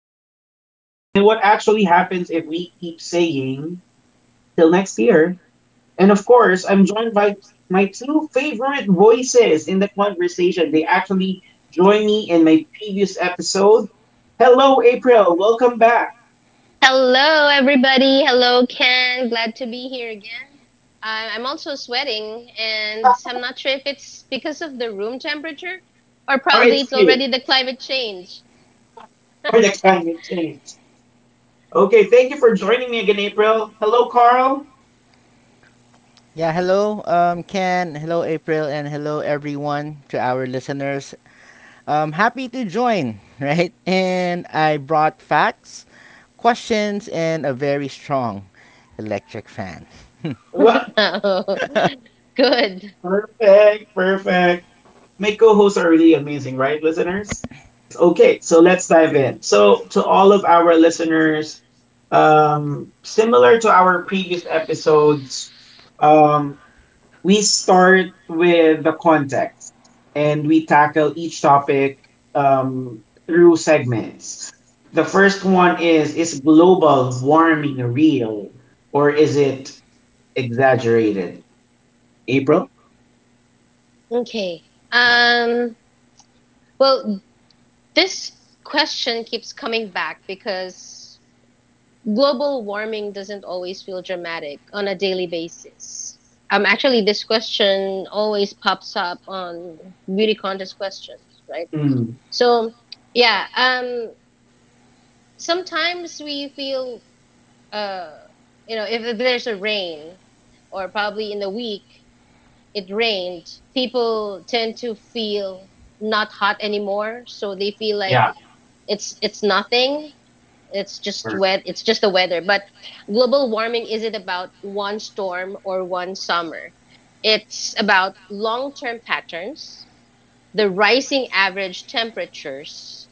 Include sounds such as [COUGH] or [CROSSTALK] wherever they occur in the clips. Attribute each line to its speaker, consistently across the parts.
Speaker 1: does it matter? And what actually happens if we keep saying till next year? And of course, I'm joined by my two favorite voices in the conversation. They actually joined me in my previous episode. Hello, April. Welcome back.
Speaker 2: Hello, everybody. Hello, Ken. Glad to be here again. I'm also sweating, and I'm not sure if it's because of the room temperature or
Speaker 1: Or
Speaker 2: probably
Speaker 1: it's
Speaker 2: it's
Speaker 1: you
Speaker 2: already the climate change.
Speaker 1: for the climate change. Okay, thank you for joining me again, April. Hello, Carl.
Speaker 3: Yeah, hello, Ken. Hello, April, and hello, everyone, to our listeners. Happy to join, [LAUGHS] right? And I brought facts, questions, and a very strong electric fan. [LAUGHS]
Speaker 2: [LAUGHS]
Speaker 1: [LAUGHS]
Speaker 2: Oh, good.
Speaker 1: Perfect, perfect. My co-hosts are really amazing, right, listeners? Okay, so let's dive in. So to all of our listeners, similar to our previous episodes, um, we start with the context and we tackle each topic through segments. The first one is global warming real or is it exaggerated? April?
Speaker 2: Okay. Um, well, this question keeps coming back because global warming doesn't always feel dramatic on a daily basis. Actually, this question always pops up on beauty contest questions, right?
Speaker 1: Mm,
Speaker 2: So yeah, sometimes we feel, uh, you know, if there's a rain, or probably in the week it rained, people tend to feel not hot anymore, so they feel like
Speaker 1: yeah,
Speaker 2: it's nothing. It's just
Speaker 1: or-
Speaker 2: wet. It's just the weather. But global warming isn't about one storm or one summer. It's about long-term patterns, the rising average temperatures,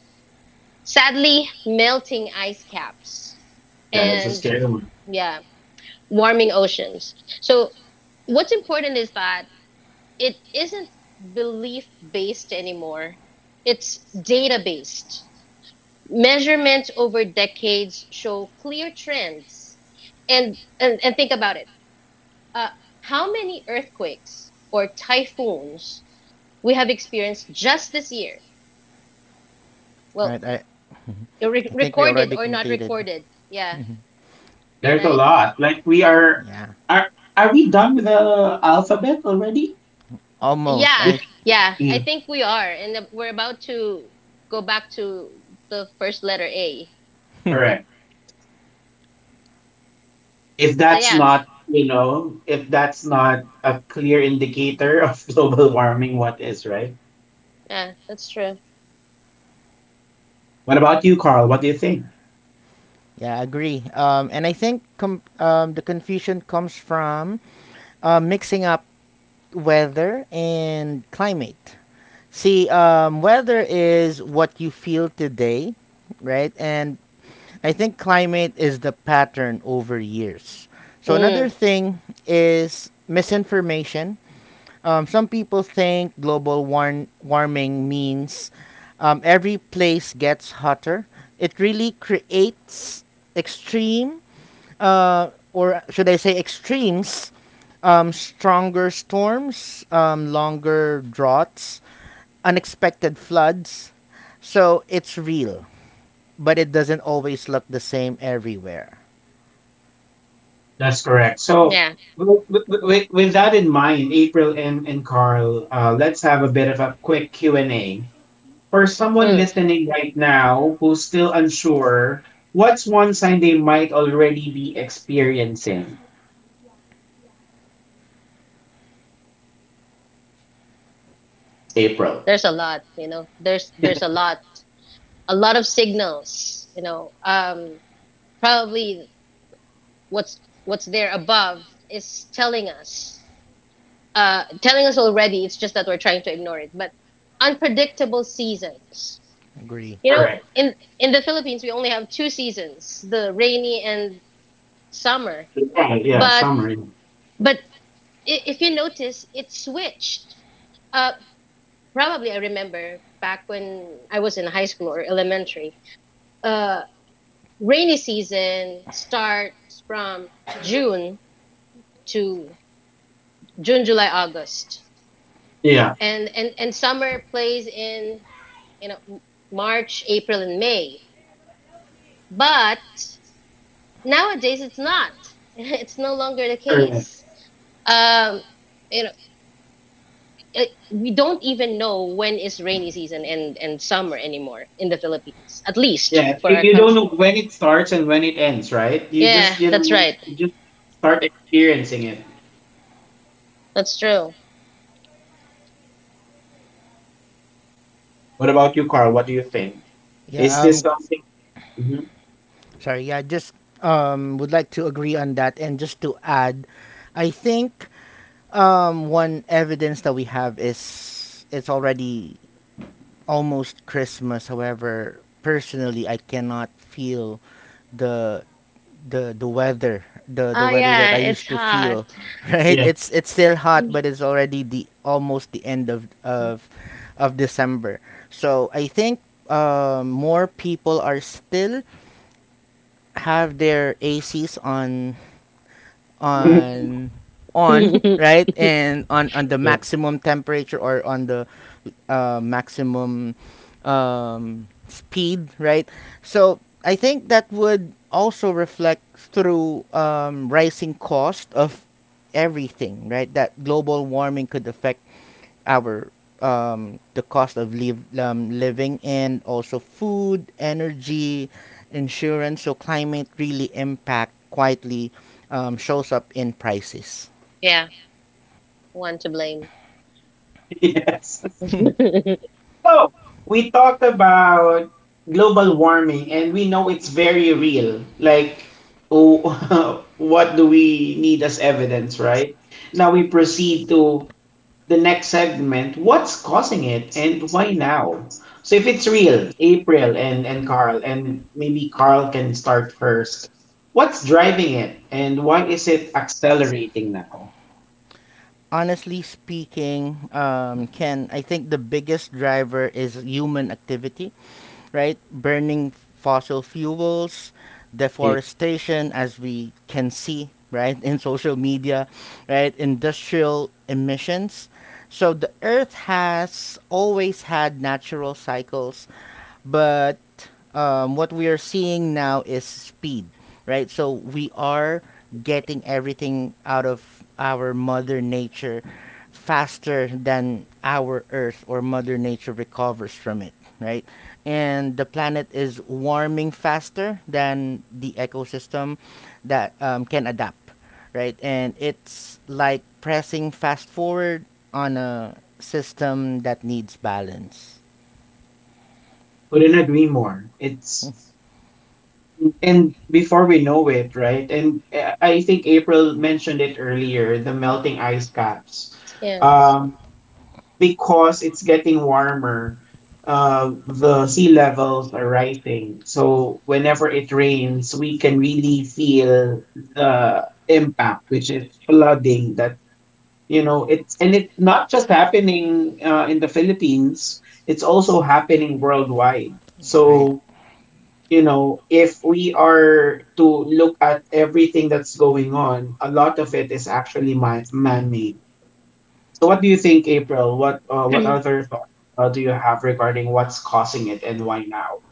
Speaker 2: sadly, melting ice caps,
Speaker 1: yeah, that's a
Speaker 2: and
Speaker 1: scary one.
Speaker 2: yeah, warming oceans. So what's important is that it isn't belief based anymore. It's data based. Measurements over decades show clear trends. And think about it. Uh, how many earthquakes or typhoons we have experienced just this year? Well,
Speaker 3: Right? I, I think we
Speaker 2: recorded
Speaker 3: already
Speaker 2: or not
Speaker 3: completed.
Speaker 2: recorded. Yeah,
Speaker 3: [LAUGHS]
Speaker 1: There's a
Speaker 2: right?
Speaker 1: lot. Like we are,
Speaker 3: Yeah,
Speaker 1: are are we done with the alphabet already?
Speaker 3: almost.
Speaker 2: Yeah,
Speaker 1: Yeah.
Speaker 3: I
Speaker 2: yeah, I
Speaker 1: Mm,
Speaker 2: think we are, and we're about to go back to the first letter A.
Speaker 3: [LAUGHS]
Speaker 1: correct. If
Speaker 2: So
Speaker 1: that's
Speaker 2: yeah,
Speaker 1: not, you know, if that's not a clear indicator of [LAUGHS] global warming, what is, right?
Speaker 2: yeah, that's true.
Speaker 1: What about you, Carl? What do you think?
Speaker 3: Yeah, I agree. And I think the confusion comes from mixing up weather and climate. See, weather is what you feel today, right? And I think climate is the pattern over years. So another
Speaker 2: Mm,
Speaker 3: thing is misinformation. Some people think global warming means, every place gets hotter. It really creates extreme, or should I say extremes, stronger storms, longer droughts, unexpected floods. So it's real, but it doesn't always look the same everywhere.
Speaker 1: That's correct. So,
Speaker 2: yeah,
Speaker 1: with,
Speaker 2: mhm,
Speaker 1: with, with that in mind, April and Carl, let's have a bit of a quick Q&A. For someone
Speaker 2: mm.
Speaker 1: listening right now who's still unsure, what's one sign they might already be experiencing? April.
Speaker 2: There's a lot, you know. There's a lot of signals, you know. Probably what's there above is telling us already. It's just that we're trying to ignore it. But unpredictable seasons,
Speaker 3: Agree.
Speaker 2: you know,
Speaker 1: Correct.
Speaker 2: in the Philippines, we only have two seasons, the rainy and summer.
Speaker 1: Yeah, yeah,
Speaker 2: But
Speaker 1: summer. Yeah.
Speaker 2: but if you notice, it switched. Uh, probably I remember back when I was in high school or elementary. Uh, rainy season starts from June to June, July, August,
Speaker 1: Yeah,
Speaker 2: and and summer plays in you know March, April, and May. But nowadays it's not. [LAUGHS] It's no longer the
Speaker 1: correct.
Speaker 2: case. Um, you know, it, we don't even know when is rainy season and summer anymore in the Philippines, at least
Speaker 1: Yeah.
Speaker 2: for
Speaker 1: You,
Speaker 2: our
Speaker 1: you don't know
Speaker 2: country.
Speaker 1: when it starts and when it ends, right? You just,
Speaker 2: Yeah,
Speaker 1: you
Speaker 2: that's
Speaker 1: know,
Speaker 2: right.
Speaker 1: you just start experiencing it.
Speaker 2: That's true.
Speaker 1: What about you, Carl? What do you think? Is
Speaker 3: Yeah,
Speaker 1: this something? Mhm.
Speaker 3: sorry. Yeah, just would like to agree on that. And just to add, I think, one evidence that we have is it's already almost Christmas. However, personally, I cannot feel the the weather, the
Speaker 2: Oh
Speaker 3: weather
Speaker 2: yeah,
Speaker 3: that I
Speaker 2: it's
Speaker 3: used to
Speaker 2: hot.
Speaker 3: feel. [LAUGHS] Right?
Speaker 1: Yes.
Speaker 3: It's still hot, but it's already the almost the end of December. So I think, more people are still have their ACs on
Speaker 1: [LAUGHS]
Speaker 3: on [LAUGHS]
Speaker 2: [LAUGHS]
Speaker 3: right, and on the
Speaker 1: Yeah.
Speaker 3: maximum temperature, or on the, maximum, speed, right? So I think that would also reflect through, rising cost of everything, right, that global warming could affect our the cost of living, and also food, energy, insurance. So climate really impact quietly, shows up in prices.
Speaker 2: Yeah, one to blame.
Speaker 1: [LAUGHS] Yes.
Speaker 2: [LAUGHS]
Speaker 1: So we talked about global warming and we know it's very real. Like, oh, [LAUGHS] what do we need as evidence, right? Now we proceed to the next segment: what's causing it and why now? So if it's real, April and Carl, and maybe Carl can start first, what's driving it and why is it accelerating now?
Speaker 3: Honestly speaking, Ken, I think the biggest driver is human activity, right? Burning fossil fuels,
Speaker 1: Yeah,
Speaker 3: deforestation, as we can see, right, [LAUGHS] in social media, right? Industrial emissions. So the earth has always had natural cycles, but, what we are seeing now is speed, right? So we are getting everything out of our mother nature faster than our earth or mother nature recovers from it, right, and the planet is warming faster than the ecosystem that, can adapt, right, and it's like pressing fast forward on a system that needs balance.
Speaker 1: couldn't agree more. It's, and before we know it, right, and I think April mentioned it earlier, the melting ice caps,
Speaker 2: Yeah.
Speaker 1: um because it's getting warmer, the sea levels are rising. So whenever it rains, we can really feel the impact, which is flooding. That, you know, it's, and it's not just happening in the Philippines; it's also happening worldwide.
Speaker 3: Hmm. Right.
Speaker 1: So, you know, if we are to look at everything that's going on, a lot of it is actually man-made. So what do you think, April? What other thoughts do you have regarding what's causing it and why now?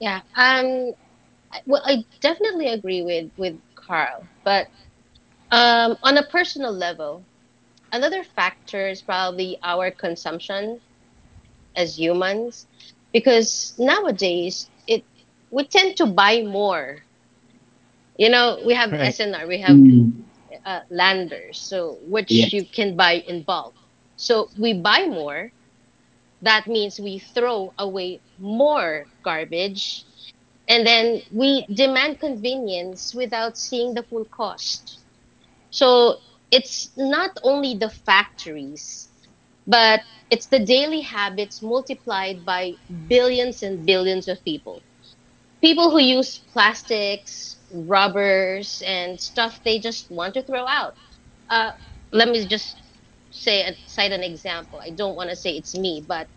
Speaker 2: Yeah. I- well, I definitely agree with Carl, but on a personal level, another factor is probably our consumption as humans because nowadays it we tend to buy more. You know, we have
Speaker 3: Right.
Speaker 2: SNR, we have
Speaker 1: Mm,
Speaker 2: landers, so
Speaker 1: yeah.
Speaker 2: which you can buy in bulk, so we buy more. That means we throw away more garbage, and then we demand convenience without seeing the full cost. So it's not only the factories, but it's the daily habits multiplied by billions and billions of people. People who use plastics, rubbers, and stuff they just want to throw out. Uh, let me just say cite an example. I don't want to say it's me, but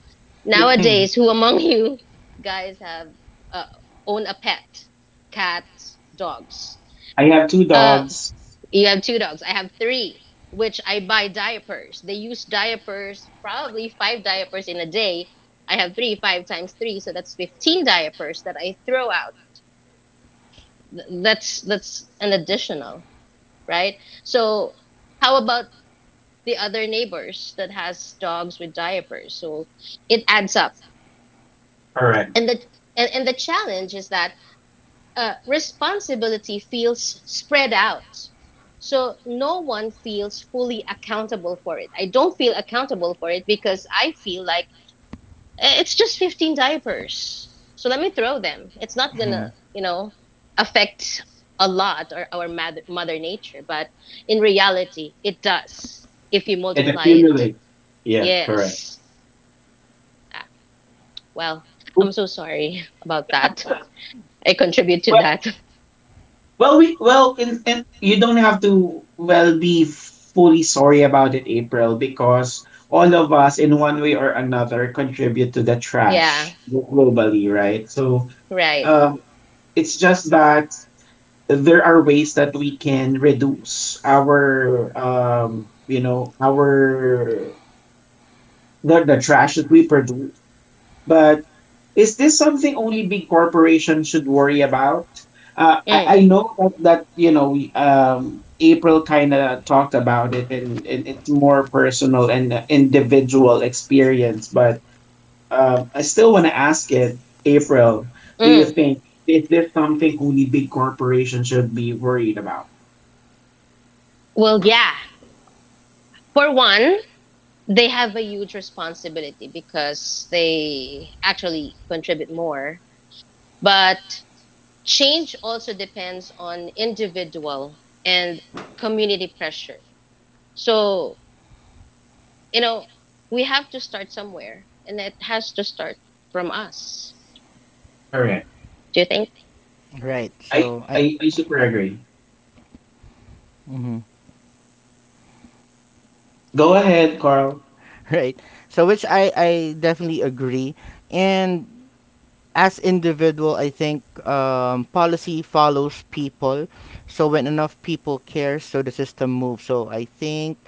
Speaker 2: nowadays,
Speaker 3: Hmm.
Speaker 2: who among [LAUGHS] you guys have uh, own a pet, cats, dogs?
Speaker 1: I have two
Speaker 2: Uh,
Speaker 1: dogs.
Speaker 2: you have two dogs. I have three, which I buy diapers. They use diapers, probably five diapers in a day. I have three, five times three, so that's 15 diapers that I throw out. That's an additional, right? So how about the other neighbors that has dogs with diapers? So it adds up.
Speaker 1: Correct.
Speaker 2: And the challenge is that responsibility feels spread out. So no one feels fully accountable for it. I don't feel accountable for it because I feel like, "Eh, it's just 15 diapers. So let me throw them. It's not going to,
Speaker 3: Mhm.
Speaker 2: you know, affect a lot or our mother nature," but in reality it does if you
Speaker 1: It
Speaker 2: multiply it.
Speaker 1: accumulates. Yeah, correct.
Speaker 2: Yes. Ah, well, I'm so sorry [LAUGHS] about that. I contribute to
Speaker 1: Well,
Speaker 2: that. [LAUGHS]
Speaker 1: well, we well, in, you don't have to well be fully sorry about it, April, because all of us, in one way or another, contribute to the
Speaker 2: Yeah,
Speaker 1: trash globally, right? So,
Speaker 2: right.
Speaker 1: um, it's just that there are ways that we can reduce our you know our, the trash that we produce. But is this something only big corporations should worry about? uh, I,
Speaker 2: Mm,
Speaker 1: I know that, that, you know, we, April kind of talked about it, and it's more personal and individual experience, but I still want to ask it, April, do you
Speaker 2: mm.
Speaker 1: think, is this something only big corporations should be worried about?
Speaker 2: Well, yeah. For one, they have a huge responsibility because they actually contribute more. But change also depends on individual and community pressure. So, you know, we have to start somewhere and it has to start from us.
Speaker 1: All,
Speaker 2: Do you think?
Speaker 3: Right.
Speaker 1: I,
Speaker 3: So I.
Speaker 1: I super agree.
Speaker 3: Mhm.
Speaker 1: Go ahead, Carl.
Speaker 3: Right. So which I definitely agree. And as individual I think, policy follows people, so when enough people care, so the system moves. So I think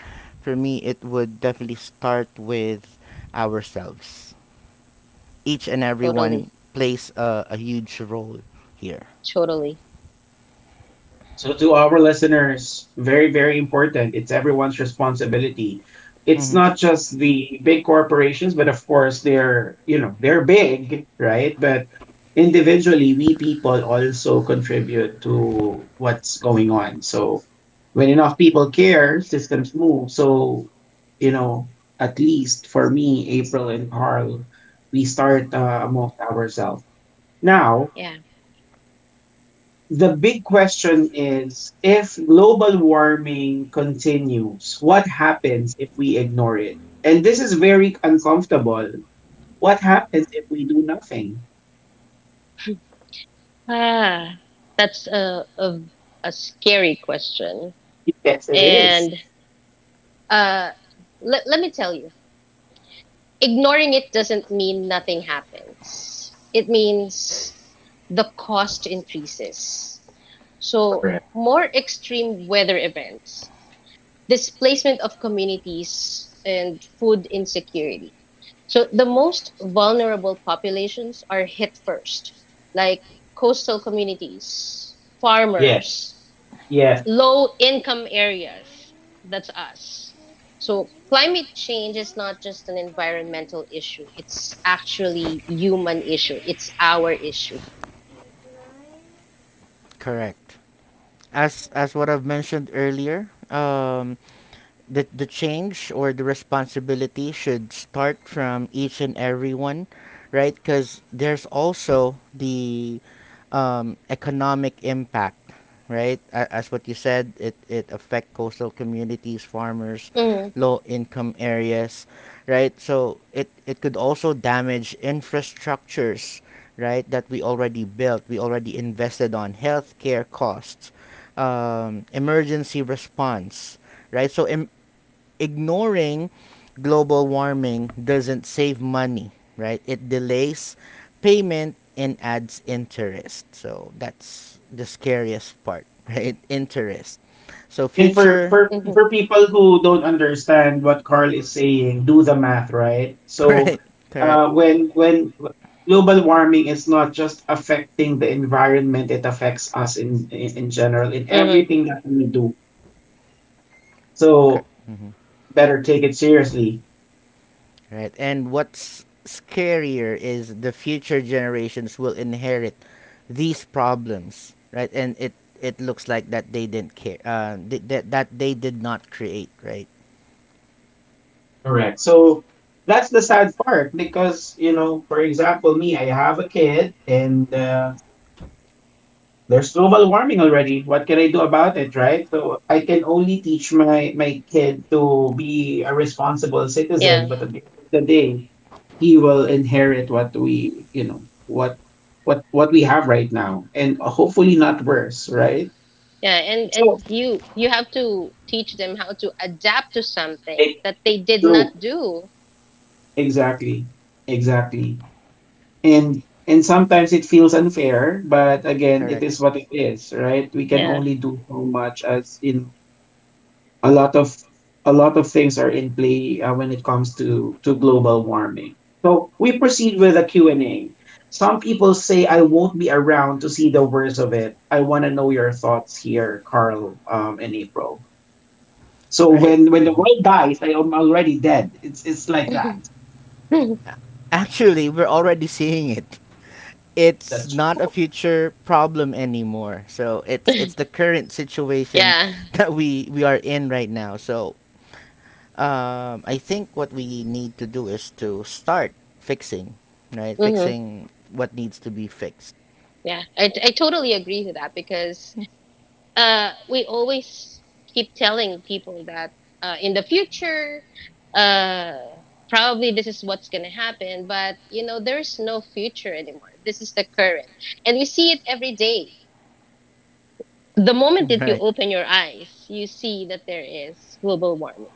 Speaker 3: for me it would definitely start with ourselves. Each and
Speaker 2: Totally.
Speaker 3: everyone plays a huge role here.
Speaker 2: Totally.
Speaker 1: So, to our listeners, very, very important. It's everyone's responsibility. It's
Speaker 3: Hmm.
Speaker 1: not just the big corporations, but of course, they're, you know, they're big, right? But individually, we people also contribute to what's going on. So, when enough people care, systems move. So, you know, at least for me, April and Carl, we start amongst ourselves. Now,
Speaker 2: Yeah.
Speaker 1: the big question is, if global warming continues, what happens if we ignore it? And this is very uncomfortable. What happens if we do nothing?
Speaker 2: Ah, that's a scary question.
Speaker 1: Yes, it is.
Speaker 2: And uh, let me tell you. Ignoring it doesn't mean nothing happens. It means the cost increases. So,
Speaker 1: Correct.
Speaker 2: more extreme weather events, displacement of communities, and food insecurity. So, the most vulnerable populations are hit first, like coastal communities,
Speaker 1: Yeah,
Speaker 2: farmers,
Speaker 1: yeah.
Speaker 2: low income areas. That's us. So climate change is not just an environmental issue. It's actually human issue. It's our issue.
Speaker 3: Correct. As what I've mentioned earlier, the change or the responsibility should start from each and everyone, right? Because there's also the, economic impact, right? As what you said, it affect coastal communities, farmers,
Speaker 2: Hmm.
Speaker 3: low income areas, right? So it could also damage infrastructures, right? That we already built, we already invested on healthcare costs, emergency response, right? So ignoring global warming doesn't save money, right? It delays payment and adds interest. So that's the scariest part, [LAUGHS] right? Interest. So
Speaker 1: And for
Speaker 3: future,
Speaker 1: for
Speaker 3: [LAUGHS]
Speaker 2: Hmm.
Speaker 1: for people who don't understand what Carl is saying, do the math, right? So,
Speaker 3: right? Correct.
Speaker 1: when global warming is not just affecting the environment, it affects us in general, in
Speaker 2: Hmm.
Speaker 1: everything that we do.
Speaker 3: Cor-
Speaker 1: So
Speaker 3: mhm.
Speaker 1: better take it seriously.
Speaker 3: Right. And what's scarier is the future generations will inherit these problems, right? And it looks like that they didn't care, that they did not create, right?
Speaker 1: Correct. So that's the sad part because, you know, for example, me, I have a kid, and there's global warming already. What can I do about it, right? So I can only teach my, my kid to be a responsible citizen,
Speaker 2: Yeah.
Speaker 1: but at the end of the day, he will inherit what we, you know, what what we have right now, and hopefully not worse, right?
Speaker 2: Yeah. And
Speaker 1: So
Speaker 2: you have to teach them how to adapt to something
Speaker 1: it's
Speaker 2: that they did not
Speaker 1: true.
Speaker 2: do.
Speaker 1: Exactly. Exactly. And sometimes it feels unfair, but again, it
Speaker 3: Correct.
Speaker 1: is what it is, right? We can
Speaker 2: Yeah.
Speaker 1: only do so much. As in a lot of, a lot of things are in play when it comes to global warming. So we proceed with a Q&A. Some people say, I won't be around to see the worst of it. I want to know your thoughts here, Carl, and April. So
Speaker 3: Right.
Speaker 1: when the
Speaker 3: Mhm.
Speaker 1: world dies, I am already dead. It's like that.
Speaker 2: [LAUGHS] Yeah.
Speaker 3: Actually, we're already seeing it. It's
Speaker 1: That's,
Speaker 3: not a future problem anymore. So it's the current situation [LAUGHS] that we are in right now. So, I think what we need to do is to start fixing, right?
Speaker 2: Hmm.
Speaker 3: Fixing what needs to be fixed.
Speaker 2: Yeah. I totally agree to that because
Speaker 3: [LAUGHS]
Speaker 2: we always keep telling people that in the future, uh, probably this is what's going to happen. But you know, there's no future anymore. This is the current, and we see it every day. The moment that you
Speaker 3: Right.
Speaker 2: open your eyes, you see that there is global warming.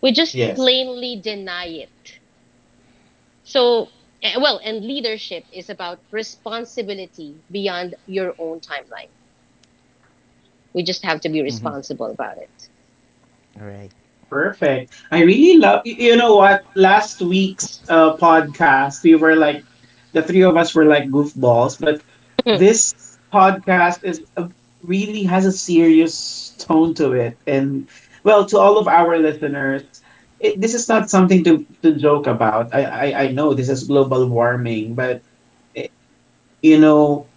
Speaker 2: We just
Speaker 1: yes.
Speaker 2: plainly deny it. So, well, and leadership is about responsibility beyond your own timeline. We just have to be
Speaker 3: Hmm.
Speaker 2: responsible about
Speaker 3: Right.
Speaker 1: Perfect. I really love, you know what? Last week's podcast, we were like, the three of us were like goofballs, but
Speaker 2: it. [LAUGHS]
Speaker 1: this podcast is a, really has a serious tone to it. And well, to all of our listeners, it, this is not something to joke about. I know this is global warming, but, eh, you know,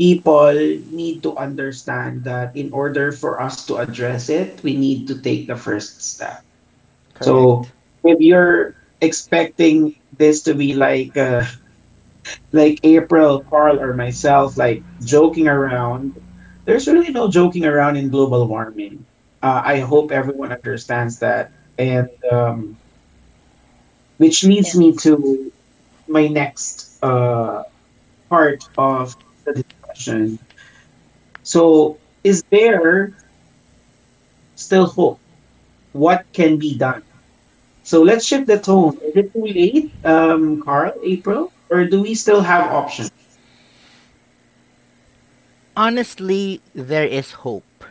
Speaker 1: people need to understand that in order for us to address it, we need to take the first step. So
Speaker 3: Correct.
Speaker 1: if you're expecting this to be like [LAUGHS] like April, Carl, or myself, like joking around, there's really no joking around in global warming. I hope everyone understands that, and which leads
Speaker 2: Yeah.
Speaker 1: me to my next part of the discussion. So, is there still hope? What can be done? So let's shift the tone. Is it too late, Carl, April, or do we still have options?
Speaker 3: Honestly, there is hope,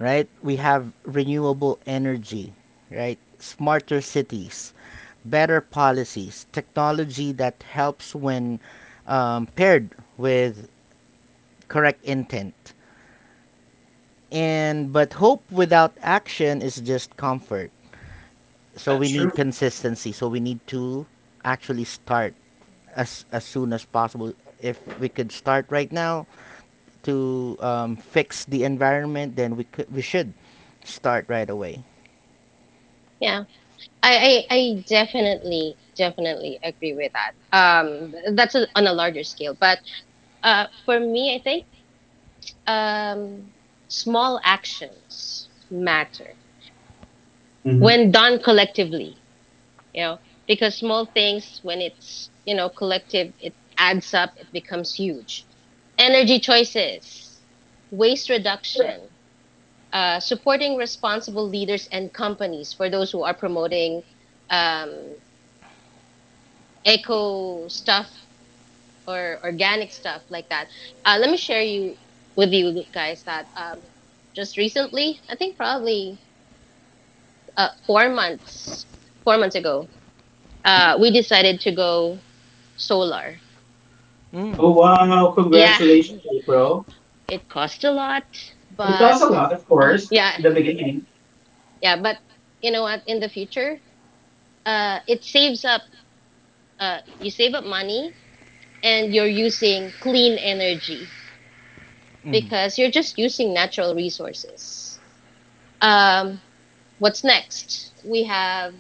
Speaker 3: right? We have renewable energy, right? Smarter cities, better policies, technology that helps when, paired with correct intent. And but hope without action is just comfort. So
Speaker 1: That's
Speaker 3: we
Speaker 1: true.
Speaker 3: need consistency. So we need to actually start as soon as possible. If we could start right now to, fix the environment, then we should start right away.
Speaker 2: Yeah. I definitely, agree with that. That's a, on a larger scale. But for me, I think um, small actions matter
Speaker 1: Mhm.
Speaker 2: when done collectively. You know, because small things, when it's, you know, collective, it adds up, it becomes huge. Energy choices, waste reduction, supporting responsible leaders and companies for those who are promoting um, eco stuff or organic stuff like that. Let me share you with you guys that just recently I think probably uh, four months 4 months ago, we decided to go solar.
Speaker 3: Mm.
Speaker 1: Oh wow!
Speaker 2: Yeah,
Speaker 1: Congratulations, April.
Speaker 2: [LAUGHS] it cost a lot,
Speaker 1: It
Speaker 2: but
Speaker 1: costs a lot, of course,
Speaker 2: yeah,
Speaker 1: in the beginning.
Speaker 2: yeah, but you know what? In the future, it saves up. You save up money, and you're using clean energy
Speaker 3: Hmm.
Speaker 2: because you're just using natural resources. Um, what's next? We have,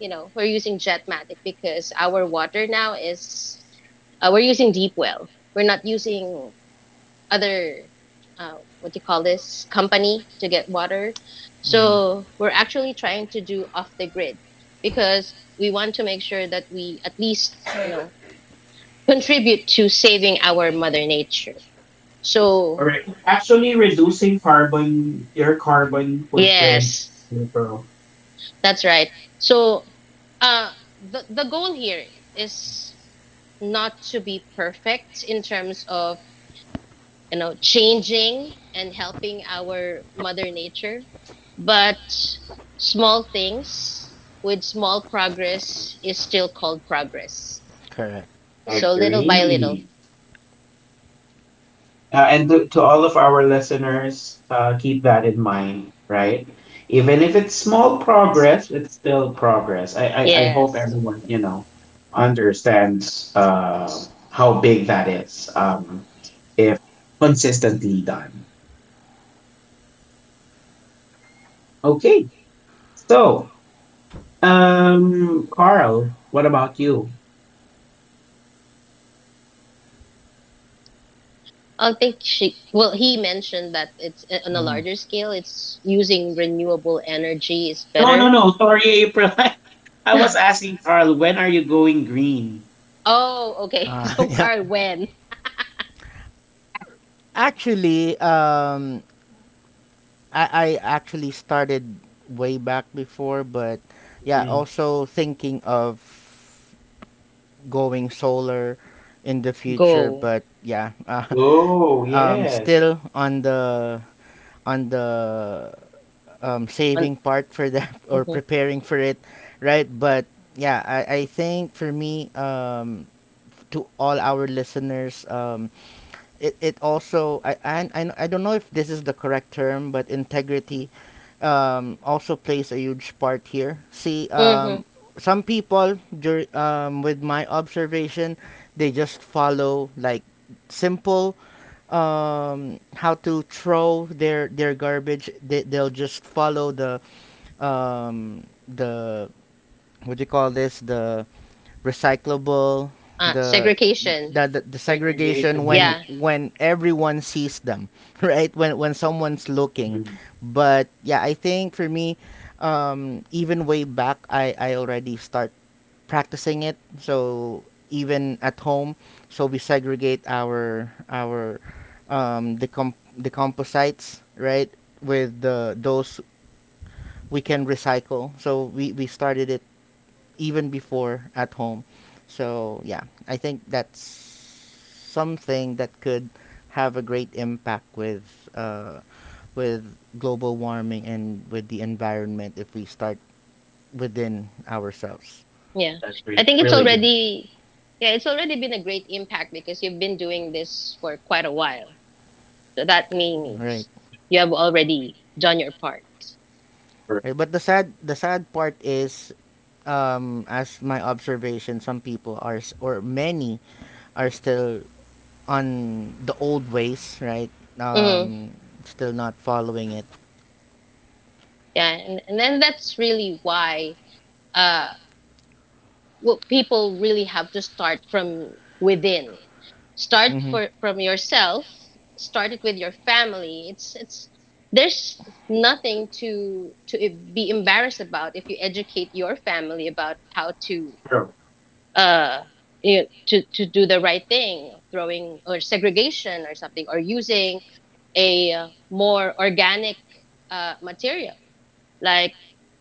Speaker 2: you know, we're using Jetmatic because our water now is, we're using deep well. We're not using other, uh, what do you call this company to get water,
Speaker 3: Mmhmm.
Speaker 2: so we're actually trying to do off the grid because we want to make sure that we at least, you know, contribute to saving our mother nature. So
Speaker 1: Alright, actually reducing carbon, your carbon footprint,
Speaker 2: yes,
Speaker 1: April.
Speaker 2: that's right. So uh the goal here is not to be perfect in terms of, you know, changing and helping our mother nature. But small things with small progress is still called progress.
Speaker 3: Correct.
Speaker 2: So little by little.
Speaker 1: Agree. And to all of our listeners, keep that in mind, right? Even if it's small progress, it's still progress. I hope
Speaker 2: Yes.
Speaker 1: everyone, you know, understands how big that is if consistently done. Okay. So, Carl, what about you?
Speaker 2: I think she, well, he mentioned that it's, on a
Speaker 3: Mmhmm.
Speaker 2: larger scale, it's using renewable energy is
Speaker 1: No, no,
Speaker 2: better.
Speaker 1: no. Sorry, April. [LAUGHS] I was asking Carl, when are you going green?
Speaker 2: Oh, okay. [LAUGHS]
Speaker 3: [LAUGHS]
Speaker 2: So,
Speaker 3: Yeah.
Speaker 2: Carl, when?
Speaker 3: Actually, I actually started way back before, but yeah,
Speaker 1: Mhm.
Speaker 3: also thinking of going solar in the future.
Speaker 2: Go.
Speaker 3: But yeah, [LAUGHS]
Speaker 1: Oh, yes.
Speaker 3: still on the
Speaker 2: On,
Speaker 3: saving part for that, [LAUGHS] or
Speaker 2: hmm.
Speaker 3: preparing for it, right? But yeah, I think for me, to all our listeners, it also I, and I don't know if this is the correct term, but integrity, also plays a huge part here. See,
Speaker 2: Hmm.
Speaker 3: some people with my observation, they just follow like simple, how to throw their garbage. They'll just follow the, the, what do you call this, the recyclable,
Speaker 2: Uh,
Speaker 3: the
Speaker 2: segregation.
Speaker 3: the segregation
Speaker 1: Segregation,
Speaker 3: when
Speaker 1: yes.
Speaker 2: Yeah.
Speaker 3: when everyone sees them, [LAUGHS] right, when someone's looking.
Speaker 1: Mm-hmm.
Speaker 3: But yeah, I think for me, even way back I already start practicing it. So even at home, so we segregate our decomposites, right, with the those we can recycle, so we started it even before at home. So yeah, I think that's something that could have a great impact with global warming and with the environment if we start within ourselves.
Speaker 2: Yeah.
Speaker 1: That's
Speaker 2: I
Speaker 1: really
Speaker 2: think it's
Speaker 1: really good.
Speaker 2: already, yeah, it's already been a great impact because you've been doing this for quite a while. So that
Speaker 3: Right.
Speaker 2: means you have already done your part.
Speaker 1: For
Speaker 3: Right, but the sad part is, as my observation, some people are or many are still on the old ways, right?
Speaker 2: Hmm.
Speaker 3: Um, still not following it.
Speaker 2: Yeah, and then that's really why uh what people really have to start from within. Start
Speaker 3: Hmm.
Speaker 2: for from yourself, start it with your family. It's there's nothing to be embarrassed about if you educate your family about how to,
Speaker 1: sure.
Speaker 2: uh, you know, to do the right thing, throwing or segregation or something, or using a, more organic, material, like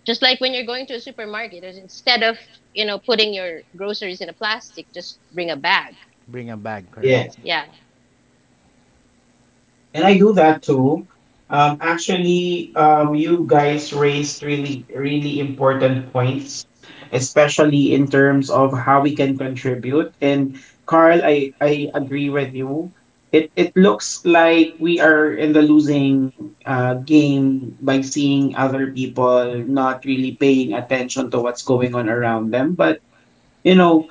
Speaker 2: just like when you're going to a supermarket, is instead of, you know, putting your groceries in a plastic, just bring a bag.
Speaker 3: Bring a bag, correct.
Speaker 1: Yes,
Speaker 2: Yeah,
Speaker 1: and I do that too. Actually, you guys raised really, really important points, especially in terms of how we can contribute. And Carl, I agree with you. It looks like we are in the losing game by seeing other people not really paying attention to what's going on around them. But you know,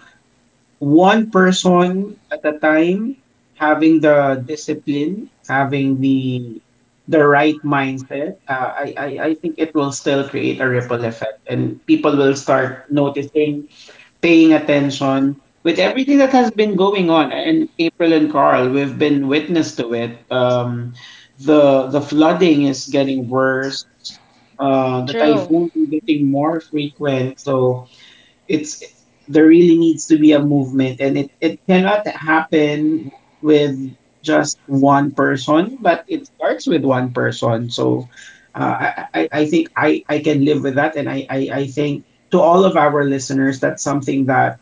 Speaker 1: one person at a time, having the discipline, having the right mindset, I I think it will still create a ripple effect, and people will start noticing, paying attention with everything that has been going on. And April and Carl, we've been witness to it. The flooding is getting worse. The
Speaker 2: true.
Speaker 1: typhoons are getting more
Speaker 3: I
Speaker 1: frequent. So it's, there really needs to be a movement, and it cannot happen with just one person, but it starts with one person. So I I think I can live with that, and I think to all of our listeners, that's something that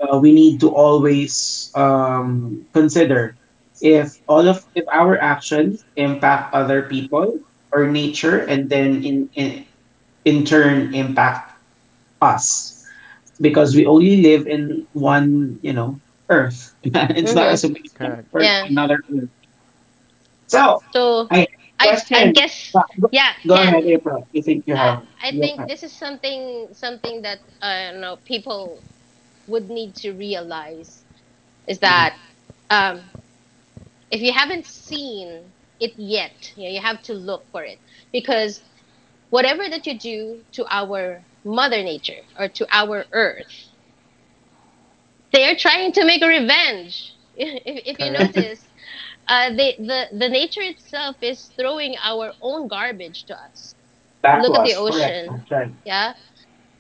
Speaker 1: we need to always consider, if all of, if our actions impact other people or nature, and then in turn impact us, because we only live in one, you know, earth. [LAUGHS] It's not
Speaker 2: Mm-hmm.
Speaker 1: as if we
Speaker 3: Correct.
Speaker 1: transfer to
Speaker 2: Yeah.
Speaker 1: another earth. So
Speaker 2: So
Speaker 1: I have a
Speaker 2: I
Speaker 1: question.
Speaker 2: guess,
Speaker 1: Go,
Speaker 2: yeah,
Speaker 1: go ahead,
Speaker 2: Ken.
Speaker 1: April. You think you
Speaker 2: I
Speaker 1: have,
Speaker 2: I
Speaker 1: you
Speaker 2: think
Speaker 1: have,
Speaker 2: this is something, that, you know, people would need to realize is
Speaker 1: mhm.
Speaker 2: that, um, if you haven't seen it yet, you know, you have to look for it, because whatever that you do to our mother nature or to our earth, they are trying to make a revenge. [LAUGHS] If you
Speaker 3: Correct.
Speaker 2: notice,
Speaker 1: [LAUGHS]
Speaker 2: the nature itself is throwing our own garbage to us.
Speaker 1: Back
Speaker 2: Look
Speaker 1: to
Speaker 2: at the
Speaker 1: us. Correct.
Speaker 2: ocean,
Speaker 1: I'm trying.
Speaker 2: yeah.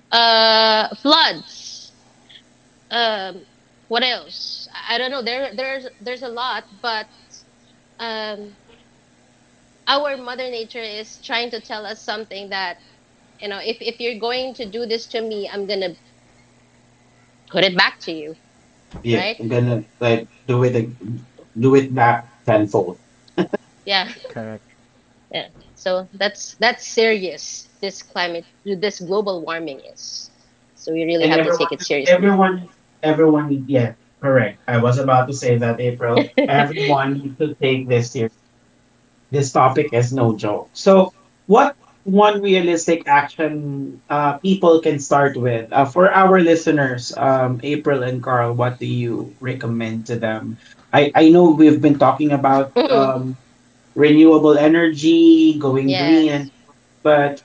Speaker 2: Floods. Um, what else? I don't know. There's a lot, but, um, our mother nature is trying to tell us something, that you know, if you're going to do this to me, I'm gonna put it back to you,
Speaker 1: Yeah,
Speaker 2: right?
Speaker 1: I'm gonna like, do it back tenfold.
Speaker 2: Yeah.
Speaker 3: Correct.
Speaker 2: [LAUGHS] Yeah. So that's, serious. This climate, this global warming is, so we really
Speaker 1: And
Speaker 2: have to take
Speaker 1: everyone,
Speaker 2: it seriously.
Speaker 1: everyone everyone, yeah, correct. I was about to say that, April.
Speaker 2: [LAUGHS]
Speaker 1: Everyone needs to take this. This topic is no joke. So, what, one realistic action people can start with for our listeners, April and Carl? What do you recommend to them? I know we've been talking about
Speaker 2: Mhm.
Speaker 1: renewable energy, going green,
Speaker 2: Yes.
Speaker 1: and but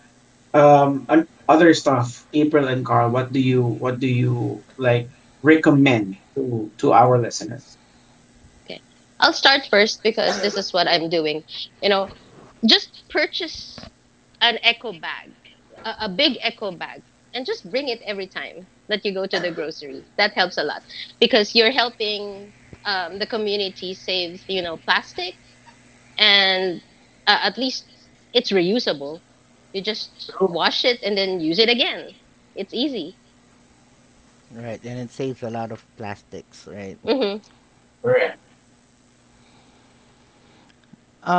Speaker 1: on other stuff. April and Carl, what do you, what do you like, recommend to our listeners?
Speaker 2: Okay. I'll start first because this is what I'm doing. You know, just purchase an eco bag, a big eco bag, and just bring it every time that you go to the grocery. That helps a lot because you're helping, the community save, you know, plastic, and at least it's reusable. You just wash it and then use it again. It's easy.
Speaker 3: Right, and it saves a lot of plastics, right.
Speaker 2: Mm-hmm.
Speaker 1: Correct.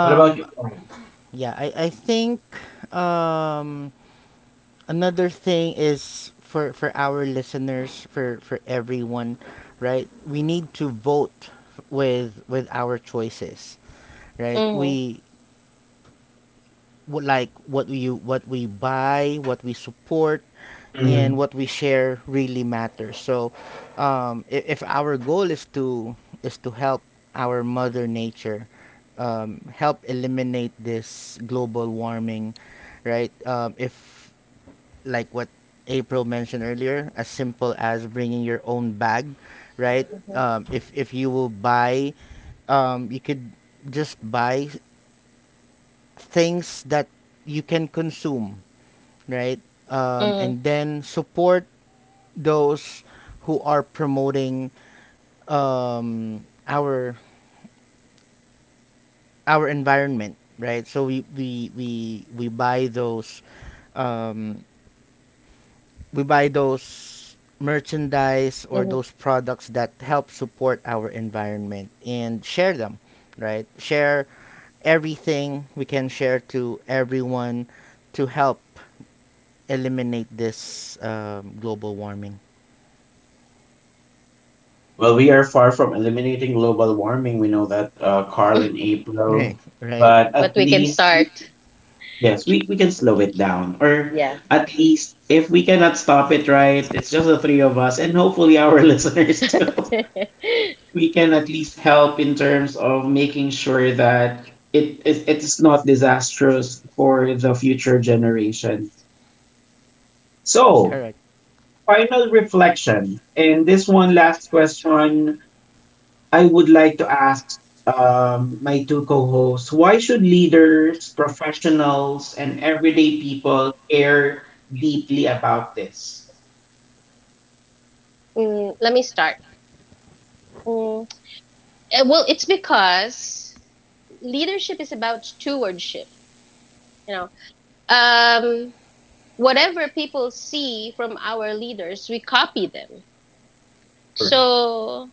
Speaker 1: What about you? Brian?
Speaker 3: yeah I think, um another thing is, for our listeners, for everyone, right, we need to vote with our choices, right,
Speaker 2: Mm-hmm.
Speaker 3: we, what we buy, what we support, and what we share really matters. So, if our goal is to help our mother nature, help eliminate this global warming, right? If like what April mentioned earlier, as simple as bringing your own bag, right? If you will buy, you could just buy things that you can consume, right? Um,
Speaker 2: Mm-hmm.
Speaker 3: and then support those who are promoting, um, our our environment, right? So we buy those, um, merchandise, or
Speaker 2: Mm-hmm.
Speaker 3: those products that help support our environment and share them, right? Share everything we can share to everyone to help eliminate this, global warming.
Speaker 1: Well, we are far from eliminating global warming. We know that, Carl and
Speaker 3: Right,
Speaker 1: April.
Speaker 2: [LAUGHS]
Speaker 3: right.
Speaker 1: But
Speaker 2: But
Speaker 1: at
Speaker 2: we can
Speaker 1: least,
Speaker 2: start.
Speaker 1: yes, we can slow it down. Or
Speaker 2: Yeah.
Speaker 1: at least, if we cannot stop it, right? It's just the three of us and hopefully our [LAUGHS] listeners too.
Speaker 2: [LAUGHS]
Speaker 1: We can at least help in terms of making sure that it it's not disastrous for the future generations. So,
Speaker 3: Correct.
Speaker 1: final reflection. And this one last question I would like to ask my two co hosts, why should leaders, professionals, and everyday people care deeply about this?
Speaker 2: Let me start. Mm, well, it's because leadership is about stewardship. You know, um, whatever people see from our leaders, we copy them.
Speaker 3: True.
Speaker 2: So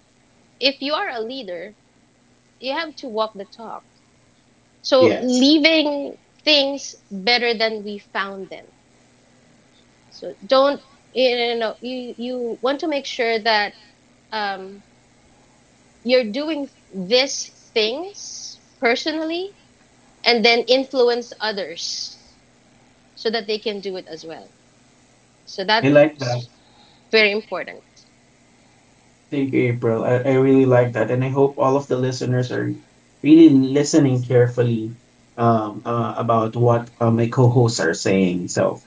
Speaker 2: if you are a leader, you have to walk the talk. So
Speaker 1: Yes.
Speaker 2: leaving things better than we found them. So don't, you know, you want to make sure that, um, you're doing these things personally and then influence others so that they can do it as well. So
Speaker 1: I like that.
Speaker 2: that's very important.
Speaker 1: Thank you, April. I really like that. And I hope all of the listeners are really listening carefully about what my co hosts are saying. So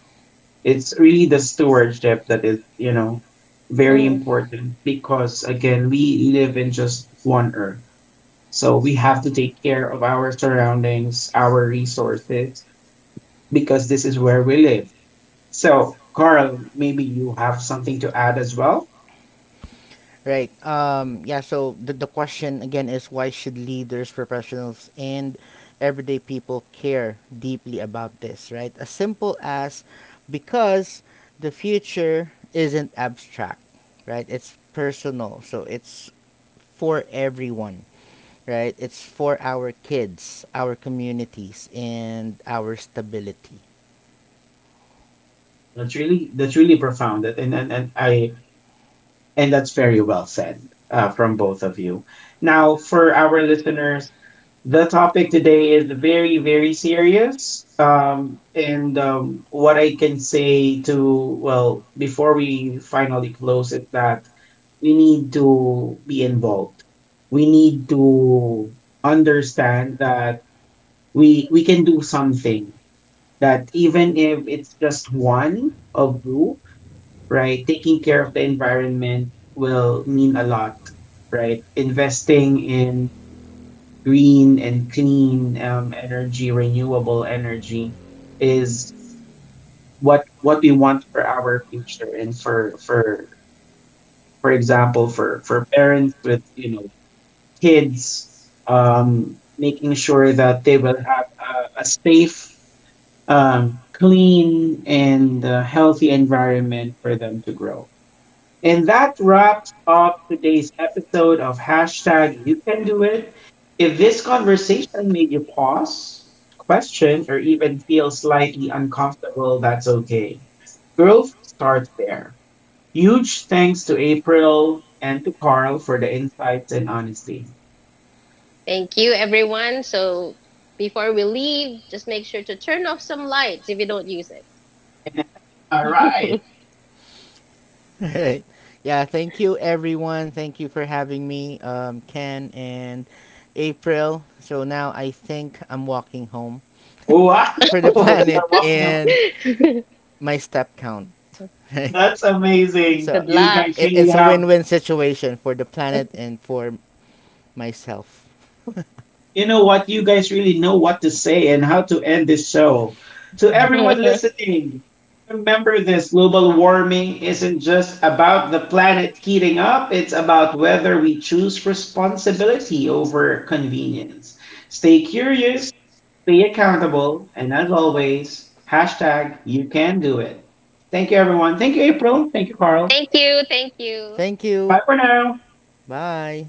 Speaker 1: it's really the stewardship that is, you know, very
Speaker 2: Mm.
Speaker 1: important, because, again, we live in just one earth. So we have to take care of our surroundings, our resources, because this is where we live. So, Carl, maybe you have something to add as well.
Speaker 3: Right. Yeah, so the, question again is, why should leaders, professionals, and everyday people care deeply about this, right? As simple as because the future isn't abstract, right? It's personal. So it's for everyone, right? It's for our kids, our communities, and our stability.
Speaker 1: That's really, that's really profound, and I and that's very well said from both of you. Now, for our listeners, the topic today is very, very serious. And what I can say to, well, before we finally close it, that we need to be involved. We need to understand that we can do something. That even if it's just one of you, right, taking care of the environment will mean a lot, right? Investing in green and clean energy, renewable energy is what we want for our future, and for for example, for parents with, you know, kids, making sure that they will have a safe clean and healthy environment for them to grow. And that wraps up today's episode of #YouCanDoIt. If this conversation made you pause, question, or even feel slightly uncomfortable, that's okay. Growth starts there. Huge thanks to April and to Carl for the insights and honesty.
Speaker 2: Thank you, everyone. So before we leave, just make sure to turn off some lights if you don't use it.
Speaker 1: All
Speaker 2: [LAUGHS]
Speaker 1: right.
Speaker 3: Right. Yeah, thank you everyone. Thank you for having me, Ken and April. So now I think I'm walking home
Speaker 1: Wow.
Speaker 3: for the [LAUGHS]
Speaker 1: [LAUGHS]
Speaker 3: planet
Speaker 1: You're welcome.
Speaker 3: and my step count. [LAUGHS] Right.
Speaker 1: That's amazing.
Speaker 3: So
Speaker 2: Good
Speaker 1: You
Speaker 2: luck.
Speaker 1: guys
Speaker 3: it,
Speaker 1: really
Speaker 3: it's a win
Speaker 1: have,
Speaker 3: win situation for the planet and for myself.
Speaker 1: you know what? You guys really know what to say and how to end this show. To
Speaker 2: [LAUGHS]
Speaker 1: everyone
Speaker 2: Thank
Speaker 1: listening, remember this: global warming isn't just about the planet heating up, it's about whether we choose responsibility over convenience. Stay curious, stay accountable, and as always, #YouCanDoIt. Thank you, everyone. Thank you, April. Thank you, Carl.
Speaker 2: you. Thank you.
Speaker 3: Thank
Speaker 1: Bye
Speaker 3: you.
Speaker 1: for now.
Speaker 3: Bye.